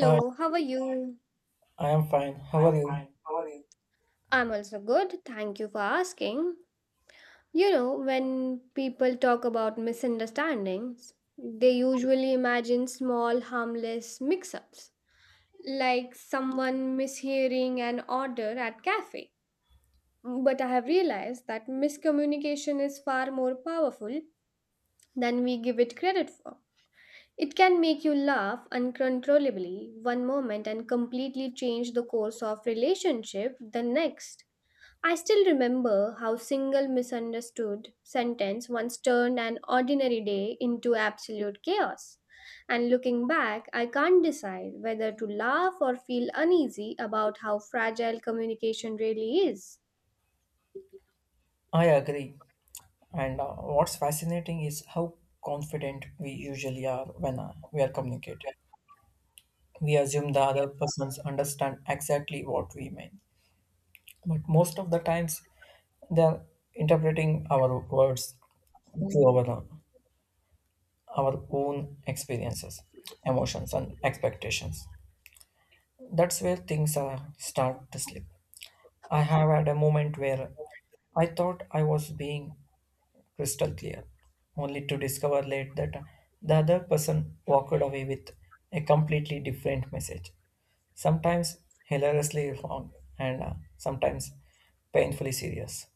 Hi, how are you? I am fine. How are you? I'm also good. Thank you for asking. You know, when people talk about misunderstandings, they usually imagine small, harmless mix ups, like someone mishearing an order at cafe. But I have realized that miscommunication is far more powerful than we give it credit for. It can make you laugh uncontrollably one moment and completely change the course of relationship the next. I still remember how single misunderstood sentence once turned an ordinary day into absolute chaos. And looking back, I can't decide whether to laugh or feel uneasy about how fragile communication really is. I agree. And What's fascinating is how confident we usually are when we are communicating. We assume the other persons understand exactly what we mean, but most of the times they are interpreting our words through our own experiences, emotions, and expectations. That's where things start to slip. I have had a moment where I thought I was being crystal clear, only to discover late that the other person walked away with a completely different message, sometimes hilariously wrong and sometimes painfully serious.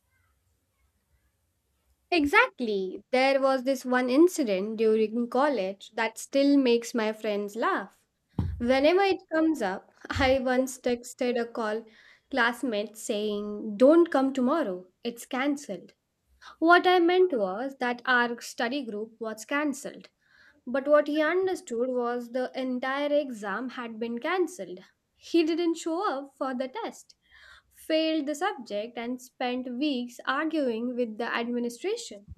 Exactly. There was this one incident during college that still makes my friends laugh whenever it comes up. I once texted a call classmate saying, "Don't come tomorrow, it's cancelled." What I meant was that our study group was cancelled, but what he understood was the entire exam had been cancelled. He didn't show up for the test, failed the subject, and spent weeks arguing with the administration.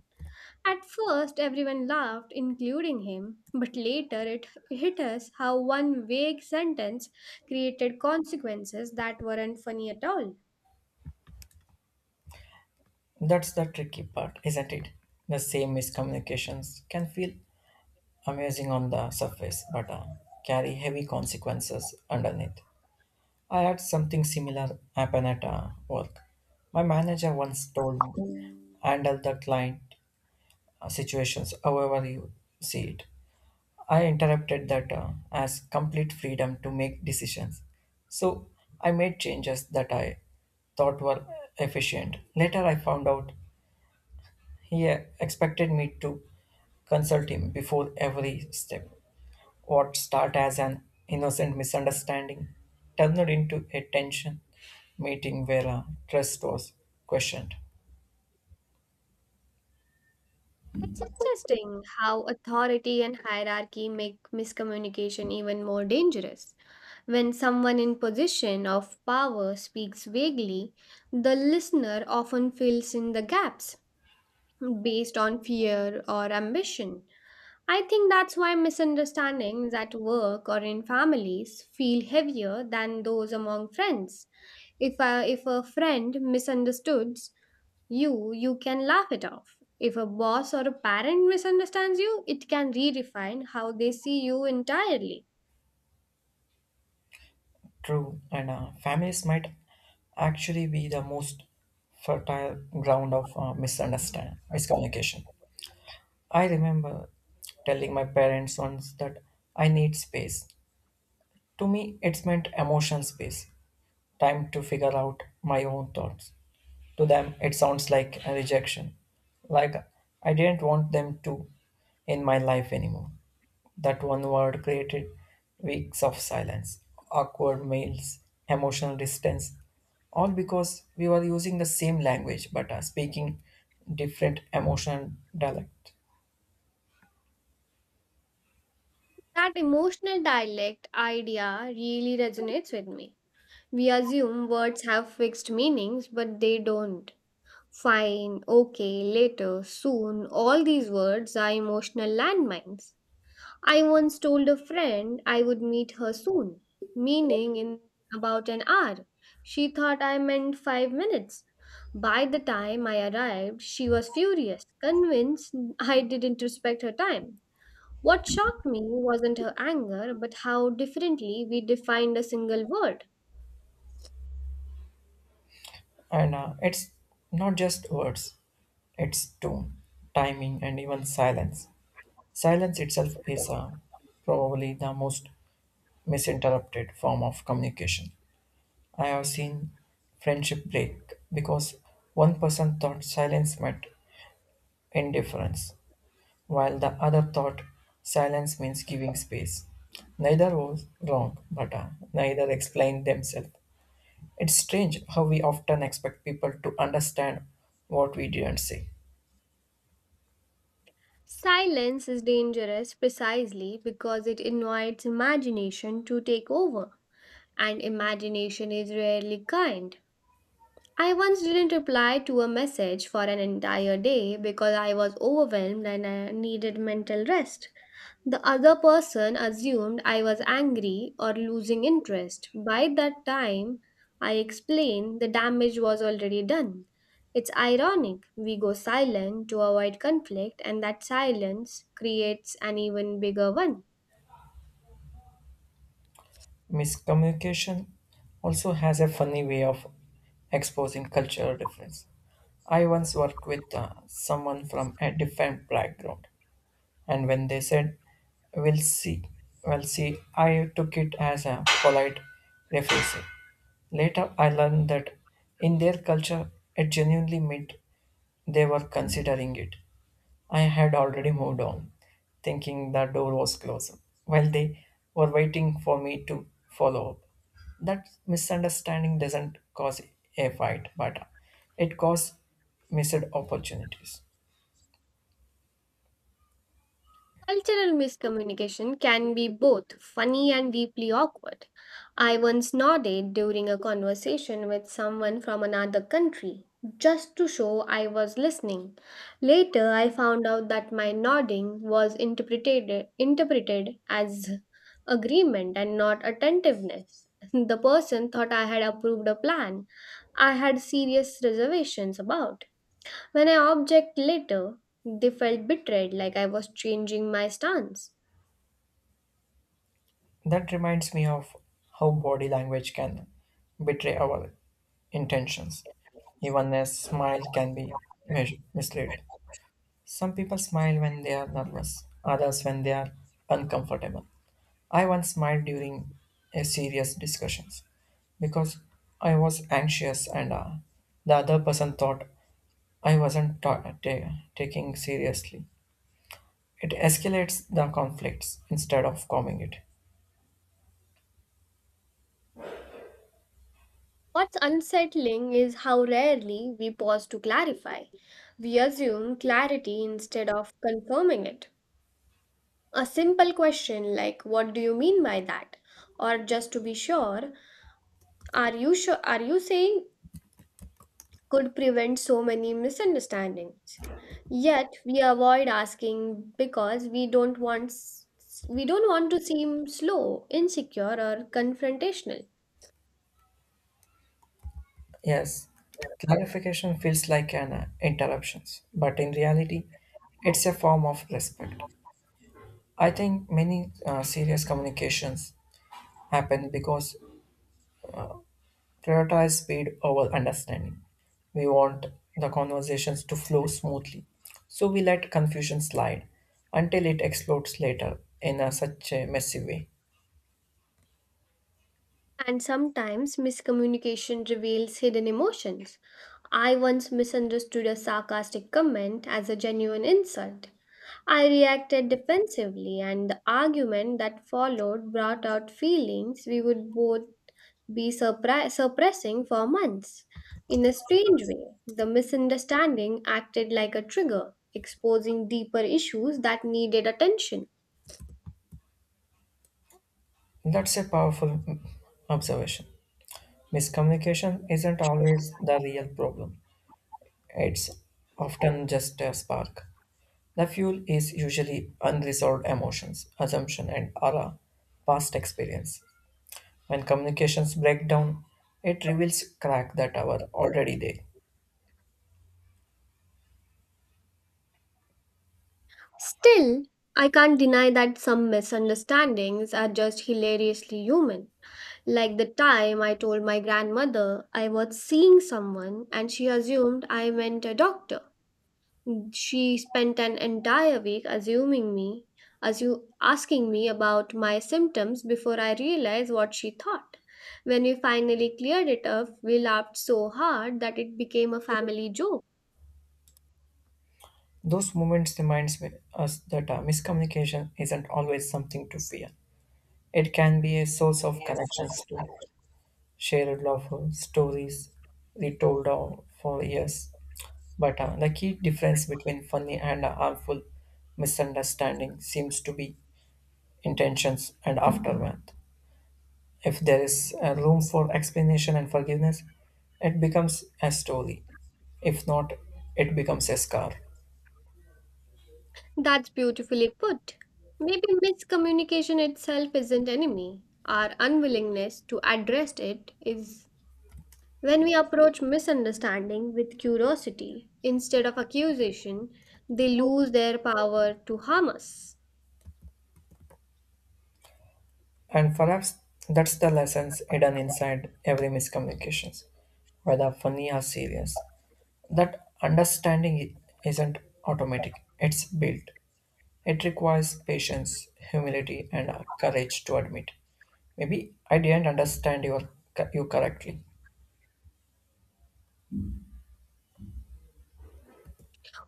At first, everyone laughed, including him, but later it hit us how one vague sentence created consequences that weren't funny at all. That's the tricky part, isn't it? The same miscommunications can feel amazing on the surface but carry heavy consequences underneath. I had something similar happen at work. My manager once told me handle the client situations, however you see it. I interpreted that as complete freedom to make decisions. So I made changes that I thought were efficient. Later, I found out he expected me to consult him before every step. What started as an innocent misunderstanding turned into a tension meeting where trust was questioned. It's interesting how authority and hierarchy make miscommunication even more dangerous. When someone in position of power speaks vaguely, the listener often fills in the gaps based on fear or ambition. I think that's why misunderstandings at work or in families feel heavier than those among friends. If a friend misunderstood you, you can laugh it off. If a boss or a parent misunderstands you, it can redefine how they see you entirely. True, and families might actually be the most fertile ground of misunderstand miscommunication. I remember telling my parents once that I need space. To me, it's meant emotional space, time to figure out my own thoughts. To them, it sounds like a rejection, like I didn't want them to in my life anymore. That one word created weeks of silence, awkward meals, emotional distance, all because we were using the same language but speaking different emotional dialect. That emotional dialect idea really resonates with me. We assume words have fixed meanings, but they don't. Fine, okay, later, soon, all these words are emotional landmines. I once told a friend I would meet her soon, meaning in about an hour. She thought I meant 5 minutes. By the time I arrived, she was furious, convinced I didn't respect her time. What shocked me wasn't her anger, but how differently we defined a single word. And It's not just words, it's tone, timing, and even silence. Silence itself is probably the most misinterpreted form of communication. I have seen friendship break because one person thought silence meant indifference, while the other thought silence means giving space. Neither was wrong, but neither explained themselves. It's strange how we often expect people to understand what we didn't say. Silence is dangerous precisely because it invites imagination to take over, and imagination is rarely kind. I once didn't reply to a message for an entire day because I was overwhelmed and I needed mental rest. The other person assumed I was angry or losing interest. By that time, I explained, the damage was already done. It's ironic. We go silent to avoid conflict, and that silence creates an even bigger one. Miscommunication also has a funny way of exposing cultural difference. I once worked with someone from a different background and when they said, We'll see, we'll see, I took it as a polite refusal. Later, I learned that in their culture, it genuinely meant they were considering it. I had already moved on, thinking the door was closed, while they were waiting for me to follow up. That misunderstanding doesn't cause a fight, but it causes missed opportunities. Cultural miscommunication can be both funny and deeply awkward. I once nodded during a conversation with someone from another country just to show I was listening. Later, I found out that my nodding was interpreted as agreement and not attentiveness. The person thought I had approved a plan I had serious reservations about. When I object later, they felt betrayed, like I was changing my stance. That reminds me of how body language can betray our intentions. Even a smile can be measured, misled. Some people smile when they are nervous, others when they are uncomfortable. I once smiled during a serious discussions because I was anxious and the other person thought I wasn't taking seriously. It escalates the conflicts instead of calming it. What's unsettling is how rarely we pause to clarify. We assume clarity instead of confirming it. A simple question like, "What do you mean by that?" Or, "Just to be sure, are you sure? Are you saying," could prevent so many misunderstandings. Yet we avoid asking because we don't want to seem slow, insecure or confrontational. Yes, clarification feels like an interruptions, but in reality, it's a form of respect. I think many serious communications happen because prioritize speed over understanding. We want the conversations to flow smoothly, so we let confusion slide until it explodes later in a, such a messy way. And sometimes miscommunication reveals hidden emotions. I once misunderstood a sarcastic comment as a genuine insult. I reacted defensively, and the argument that followed brought out feelings we would both suppressing for months. In a strange way, the misunderstanding acted like a trigger, exposing deeper issues that needed attention. That's a powerful observation. Miscommunication isn't always the real problem. It's often just a spark. The fuel is usually unresolved emotions, assumption, and aura, past experience. When communications break down, it reveals cracks that are already there. Still, I can't deny that some misunderstandings are just hilariously human. Like the time I told my grandmother I was seeing someone and she assumed I meant a doctor. She spent an entire week asking me about my symptoms before I realized what she thought. When we finally cleared it up, we laughed so hard that it became a family joke. Those moments reminds us that miscommunication isn't always something to fear. It can be a source of connections to shared love, stories retold for years. But the key difference between funny and a harmful misunderstanding seems to be intentions and aftermath. If there is a room for explanation and forgiveness, it becomes a story. If not, it becomes a scar. That's beautifully put. Maybe miscommunication itself isn't enemy. Our unwillingness to address it is. When we approach misunderstanding with curiosity instead of accusation, they lose their power to harm us. And perhaps that's the lessons hidden inside every miscommunications, whether funny or serious. That understanding isn't automatic, it's built. It requires patience, humility, and courage to admit. Maybe I didn't understand you correctly.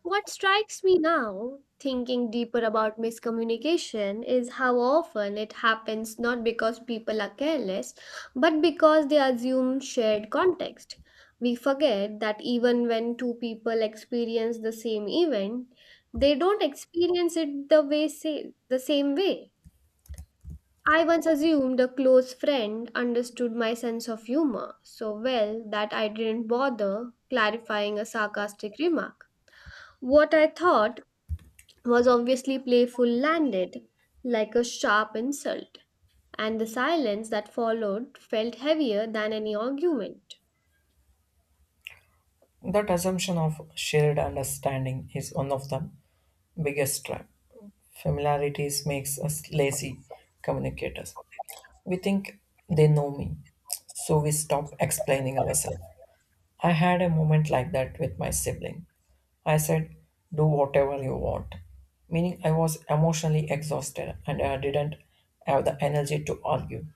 What strikes me now, thinking deeper about miscommunication, is how often it happens not because people are careless, but because they assume shared context. We forget that even when two people experience the same event, they don't experience it the same way. I once assumed a close friend understood my sense of humor so well that I didn't bother clarifying a sarcastic remark. What I thought was obviously playful landed like a sharp insult, and the silence that followed felt heavier than any argument. That assumption of shared understanding is one of the biggest trap. Familiarities makes us lazy communicators. We think they know me, so we stop explaining ourselves. I had a moment like that with my sibling. I said, "Do whatever you want," meaning I was emotionally exhausted and I didn't have the energy to argue.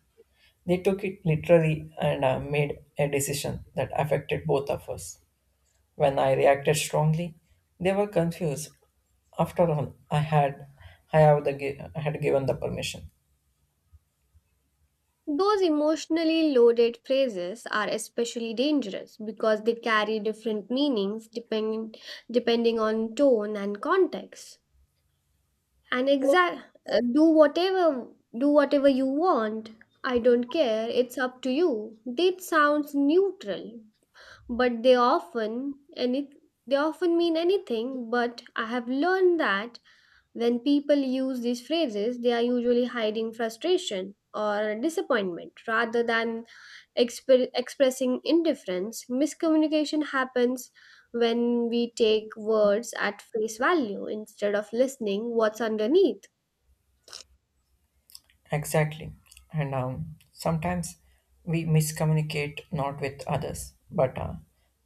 They took it literally and made a decision that affected both of us. When I reacted strongly, they were confused. After all, I had given the permission. Those emotionally loaded phrases are especially dangerous because they carry different meanings depending on tone and context. And exact, do whatever do whatever you want. I don't care. It's up to you. That sounds neutral, but they often mean anything but. I have learned that when people use these phrases they are usually hiding frustration or disappointment rather than expressing indifference. Miscommunication happens when we take words at face value instead of listening what's underneath. Exactly. And sometimes we miscommunicate not with others, but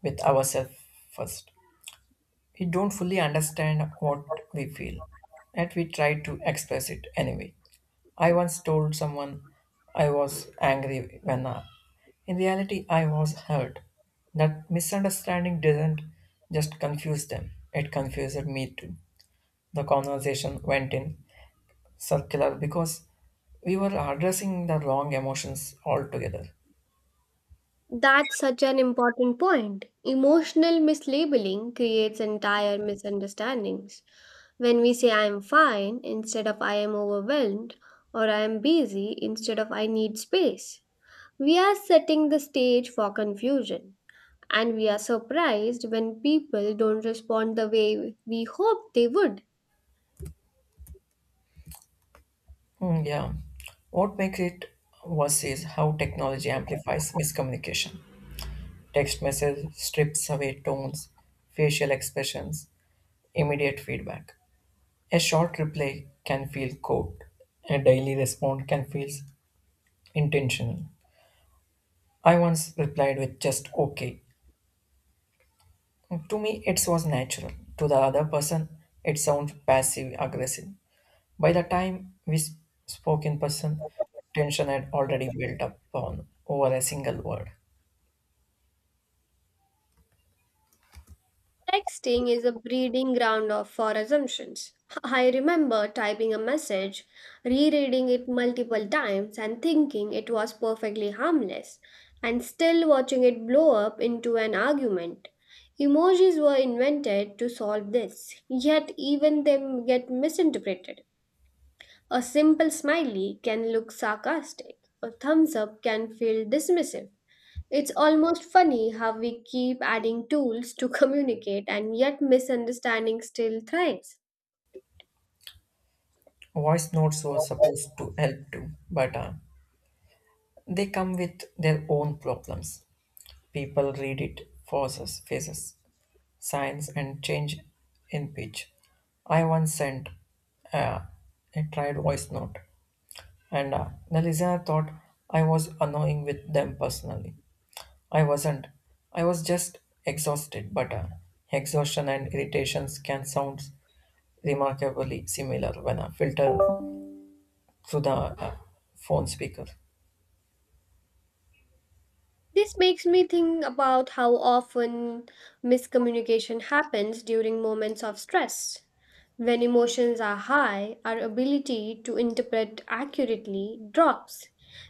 with ourselves first. We don't fully understand what we feel, yet we try to express it anyway. I once told someone I was angry when in reality I was hurt. That misunderstanding didn't just confuse them, it confused me too. The conversation went in circular because we were addressing the wrong emotions altogether. That's such an important point. Emotional mislabeling creates entire misunderstandings. When we say I am fine instead of I am overwhelmed, or I am busy instead of I need space, we are setting the stage for confusion. And we are surprised when people don't respond the way we hoped they would. Yeah. What makes it worse is how technology amplifies miscommunication. Text message strips away tones, facial expressions, immediate feedback. A short reply can feel cold. A daily response can feel intentional. I once replied with just okay. To me, it was natural. To the other person, it sounds passive aggressive. By the time spoke in person, tension had already built up on over a single word. Texting is a breeding ground of for assumptions. I remember typing a message, rereading it multiple times, and thinking it was perfectly harmless, and still watching it blow up into an argument. Emojis were invented to solve this, yet, even them get misinterpreted. A simple smiley can look sarcastic, a thumbs up can feel dismissive. It's almost funny how we keep adding tools to communicate and yet misunderstanding still thrives. Voice notes were supposed to help too, but they come with their own problems. People read it faces, signs, and change in pitch. I once sent uh, a tried voice note and the listener thought I was annoying with them personally. I wasn't. I was just exhausted, but exhaustion and irritations can sound remarkably similar when filtered through the phone speaker. This makes me think about how often miscommunication happens during moments of stress. When emotions are high, our ability to interpret accurately drops.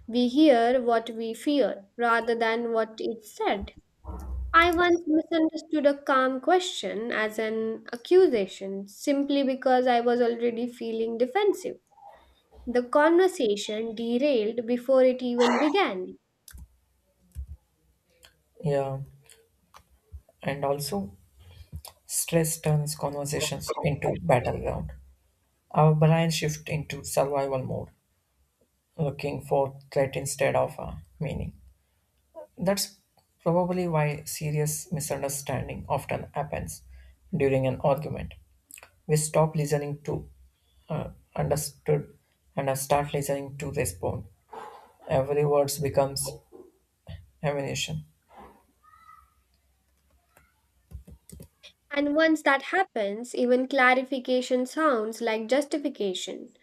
We hear what we fear rather than what is said. I once misunderstood a calm question as an accusation simply because I was already feeling defensive. The conversation derailed before it even began. Yeah, and also stress turns conversations into battleground. Our brain shift into survival mode, looking for threat instead of meaning. That's probably why serious misunderstanding often happens during an argument. We stop listening to uh, understood and start listening to respond. Every word becomes ammunition. And once that happens, even clarification sounds like justification.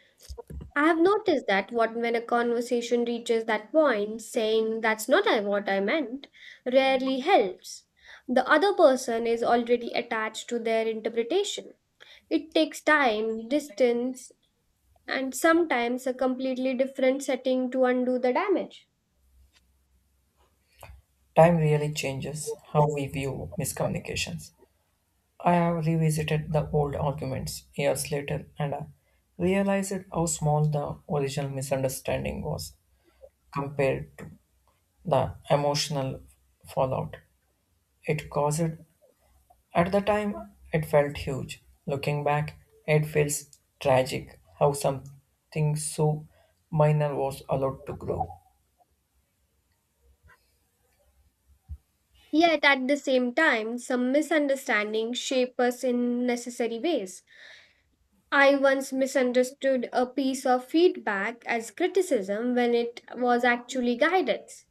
I have noticed that what when a conversation reaches that point, saying that's not I- what I meant rarely helps. The other person is already attached to their interpretation. It takes time, distance, and sometimes a completely different setting to undo the damage. Time really changes how we view miscommunications. I have revisited the old arguments years later and I realized how small the original misunderstanding was compared to the emotional fallout. It caused. At the time, it felt huge. Looking back, it feels tragic how something so minor was allowed to grow. Yet at the same time, some misunderstandings shape us in necessary ways. I once misunderstood a piece of feedback as criticism when it was actually guidance.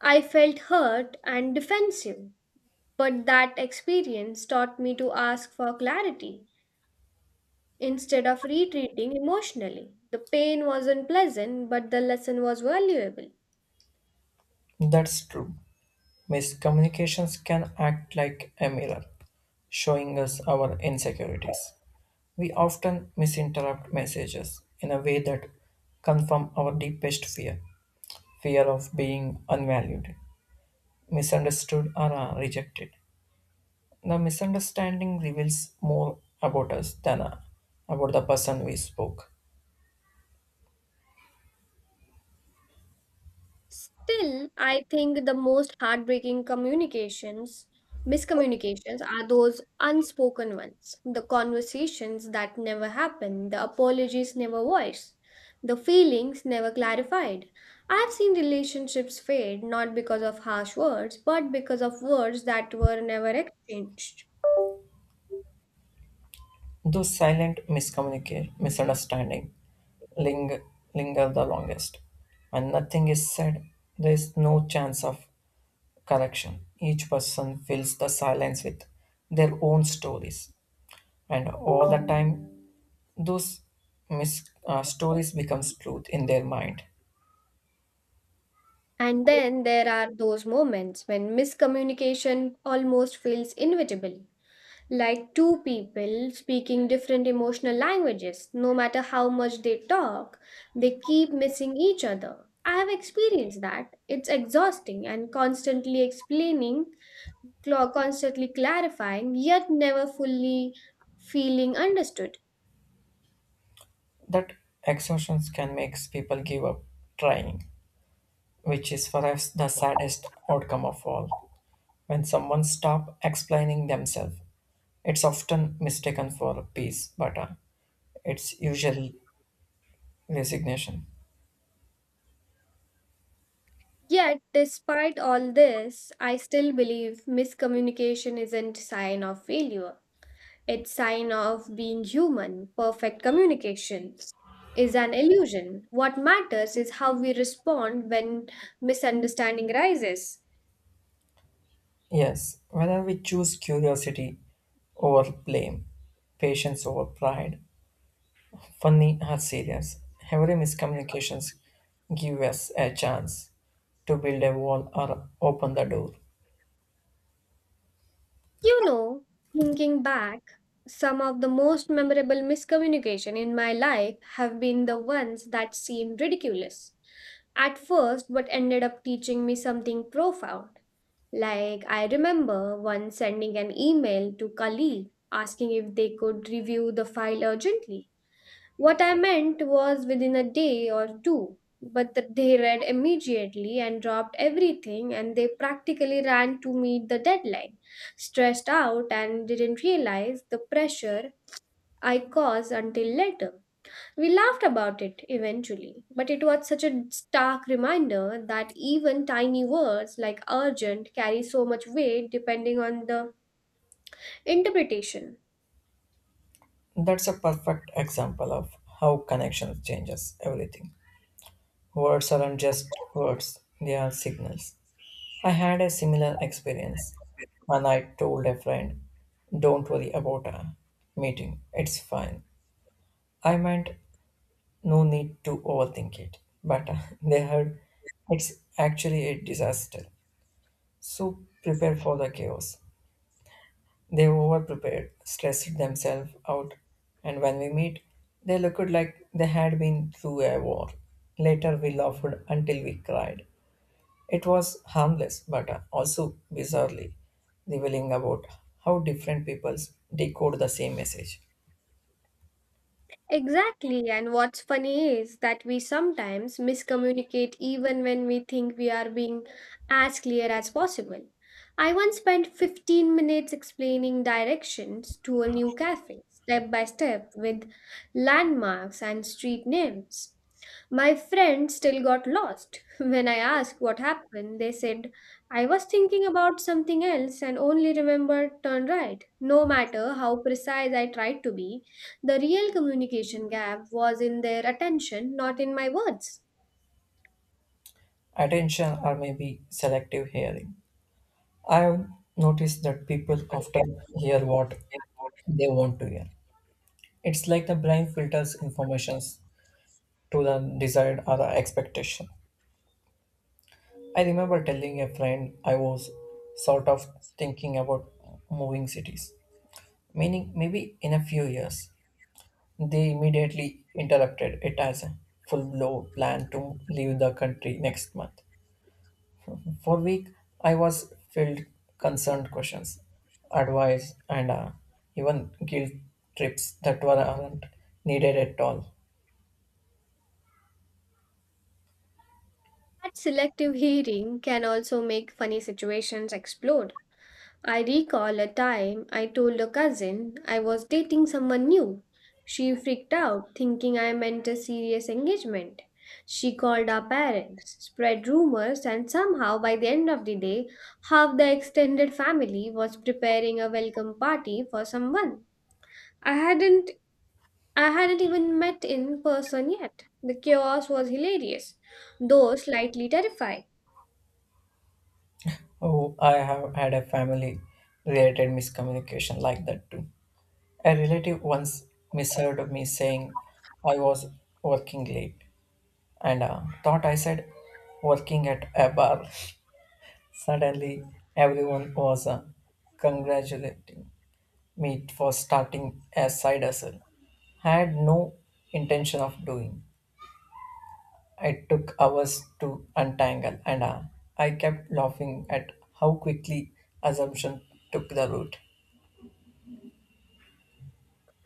I felt hurt and defensive, but that experience taught me to ask for clarity instead of retreating emotionally. The pain wasn't pleasant, but the lesson was valuable. That's true. Miscommunications can act like a mirror, showing us our insecurities. We often misinterpret messages in a way that confirm our deepest fear of being unvalued, misunderstood, or rejected. The misunderstanding reveals more about us than about the person we spoke. Still, I think the most heartbreaking miscommunications are those unspoken ones. The conversations that never happen, the apologies never voiced, the feelings never clarified. I've seen relationships fade not because of harsh words, but because of words that were never exchanged. Those silent miscommunication, misunderstanding ling- linger the longest. When nothing is said, there is no chance of correction. Each person fills the silence with their own stories, and all the time, those stories becomes truth in their mind. And then there are those moments when miscommunication almost feels inevitable, like two people speaking different emotional languages. No matter how much they talk, they keep missing each other. I have experienced that. It's exhausting and constantly explaining, constantly clarifying, yet never fully feeling understood. That exhaustions can make people give up trying. Which is for us the saddest outcome of all. When someone stops explaining themselves, it's often mistaken for peace, but it's usually resignation. Yet, despite all this, I still believe miscommunication isn't sign of failure. Its sign of being human, perfect communication is an illusion. What matters is how we respond when misunderstanding rises. Yes, whether we choose curiosity over blame, patience over pride, funny or serious, every miscommunications give us a chance to build a wall or open the door. You know, thinking back, some of the most memorable miscommunication in my life have been the ones that seemed ridiculous at first but ended up teaching me something profound. Like, I remember once sending an email to colleague asking if they could review the file urgently. What I meant was within a day or two, but they read immediately and dropped everything, and they practically ran to meet the deadline, stressed out, and didn't realize the pressure I caused until later. We laughed about it eventually, but it was such a stark reminder that even tiny words like urgent carry so much weight depending on the interpretation. That's a perfect example of how connection changes everything. Words aren't just words, they are signals. I had a similar experience when I told a friend, "Don't worry about a meeting, it's fine." I meant no need to overthink it, but they heard it's actually a disaster. So prepare for the chaos. They over prepared, stressed themselves out, and when we meet, they looked like they had been through a war. Later, we laughed until we cried. It was harmless, but also bizarrely revealing about how different peoples decode the same message. Exactly, and what's funny is that we sometimes miscommunicate even when we think we are being as clear as possible. I once spent 15 minutes explaining directions to a new cafe, step by step, with landmarks and street names. My friend still got lost. When I asked what happened, they said, "I was thinking about something else and only remembered turn right," no matter how precise I tried to be. The real communication gap was in their attention, not in my words. Attention or maybe selective hearing. I have noticed that people often hear what they want to hear. It's like the brain filters informations to the desired or the expectation. I remember telling a friend I was sort of thinking about moving cities, meaning maybe in a few years. They immediately interrupted it as a full blown plan to leave the country next month. For a week, I was filled concerned questions, advice, and even guilt trips that were not needed at all. That selective hearing can also make funny situations explode. I recall a time I told a cousin I was dating someone new. She freaked out, thinking I meant a serious engagement. She called our parents, spread rumors, and somehow by the end of the day, half the extended family was preparing a welcome party for someone I hadn't I hadn't even met in person yet. The chaos was hilarious, though slightly terrifying. Oh, I have had a family related miscommunication like that too. A relative once misheard me saying I was working late and thought I said working at a bar. Suddenly, everyone was congratulating me for starting a side hustle. I had no intention of doing. It took hours to untangle, and I kept laughing at how quickly assumption took the root.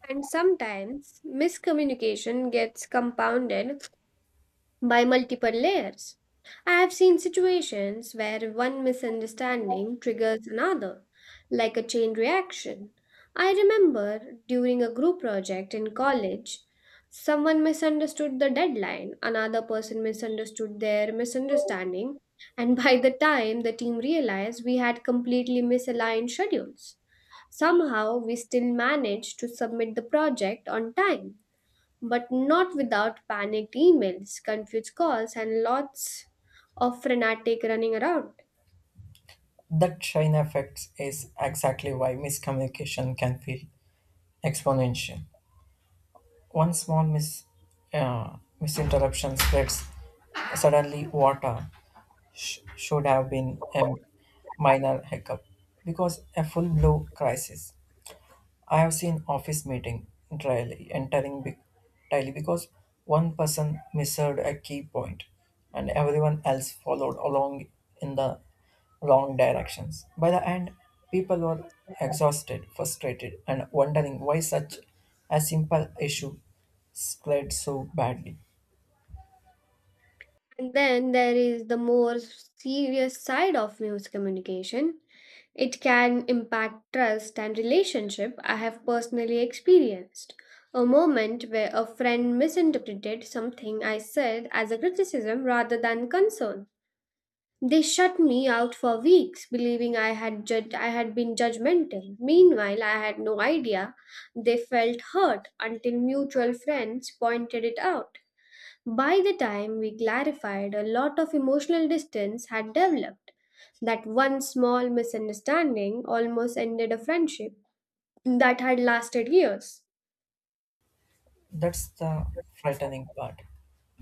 And sometimes miscommunication gets compounded by multiple layers. I have seen situations where one misunderstanding triggers another, like a chain reaction. I remember during a group project in college, someone misunderstood the deadline, another person misunderstood their misunderstanding, and by the time the team realized we had completely misaligned schedules. Somehow, we still managed to submit the project on time but not without panicked emails, confused calls, and lots of frenetic running around. That chain effect is exactly why miscommunication can feel exponential. One small misinterruption spreads suddenly water should have been a minor hiccup because a full blown crisis. I have seen office meeting entirely because one person missed a key point and everyone else followed along in the wrong directions. By the end, people were exhausted, frustrated, and wondering why such a simple issue spread so badly. And then there is the more serious side of news communication. It can impact trust and relationship. I have personally experienced a moment where a friend misinterpreted something I said as a criticism rather than concern. They shut me out for weeks, believing I had been judgmental. Meanwhile, I had no idea they felt hurt until mutual friends pointed it out. By the time we clarified, a lot of emotional distance had developed. That one small misunderstanding almost ended a friendship that had lasted years. That's the frightening part.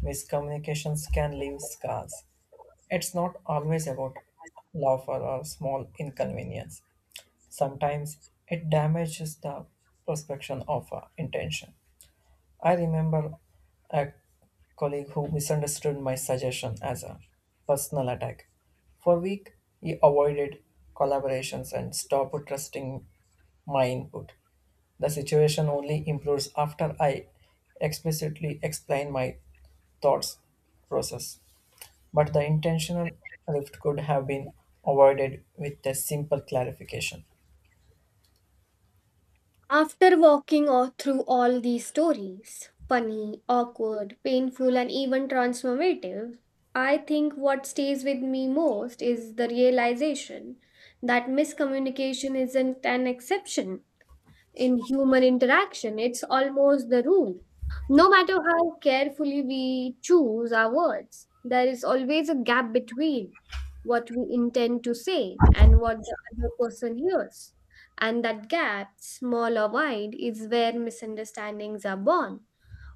Miscommunications can leave scars. It's not always about love or a small inconvenience. Sometimes it damages the perception of our intention. I remember a colleague who misunderstood my suggestion as a personal attack. For a week, he avoided collaborations and stopped trusting my input. The situation only improves after I explicitly explain my thoughts process. But the intentional rift could have been avoided with a simple clarification. After walking all through all these stories, funny, awkward, painful, and even transformative, I think what stays with me most is the realization that miscommunication isn't an exception in human interaction. It's almost the rule. No matter how carefully we choose our words, there is always a gap between what we intend to say and what the other person hears. And that gap, small or wide, is where misunderstandings are born.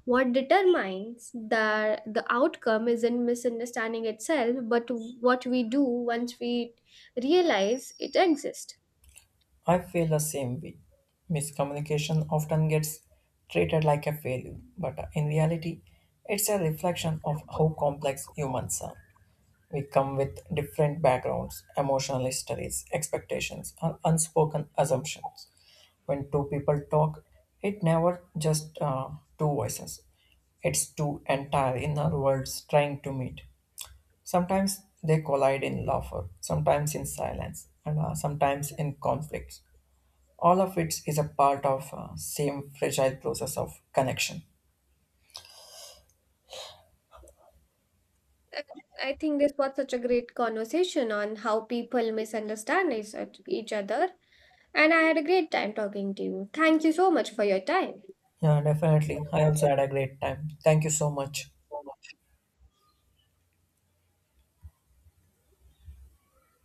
What determines the outcome isn't misunderstanding itself, but what we do once we realize it exists. I feel the same way. Miscommunication often gets treated like a failure, but in reality, it's a reflection of how complex humans are. We come with different backgrounds, emotional histories, expectations, and unspoken assumptions. When two people talk, it never just two voices. It's two entire inner worlds trying to meet. Sometimes they collide in laughter, sometimes in silence, and sometimes in conflicts all of it is a part of same fragile process of connection. Uh, I think this was such a great conversation on how people misunderstand each other, and I had a great time talking to you. Thank you so much for your time. Yeah, definitely. I also had a great time. Thank you so much.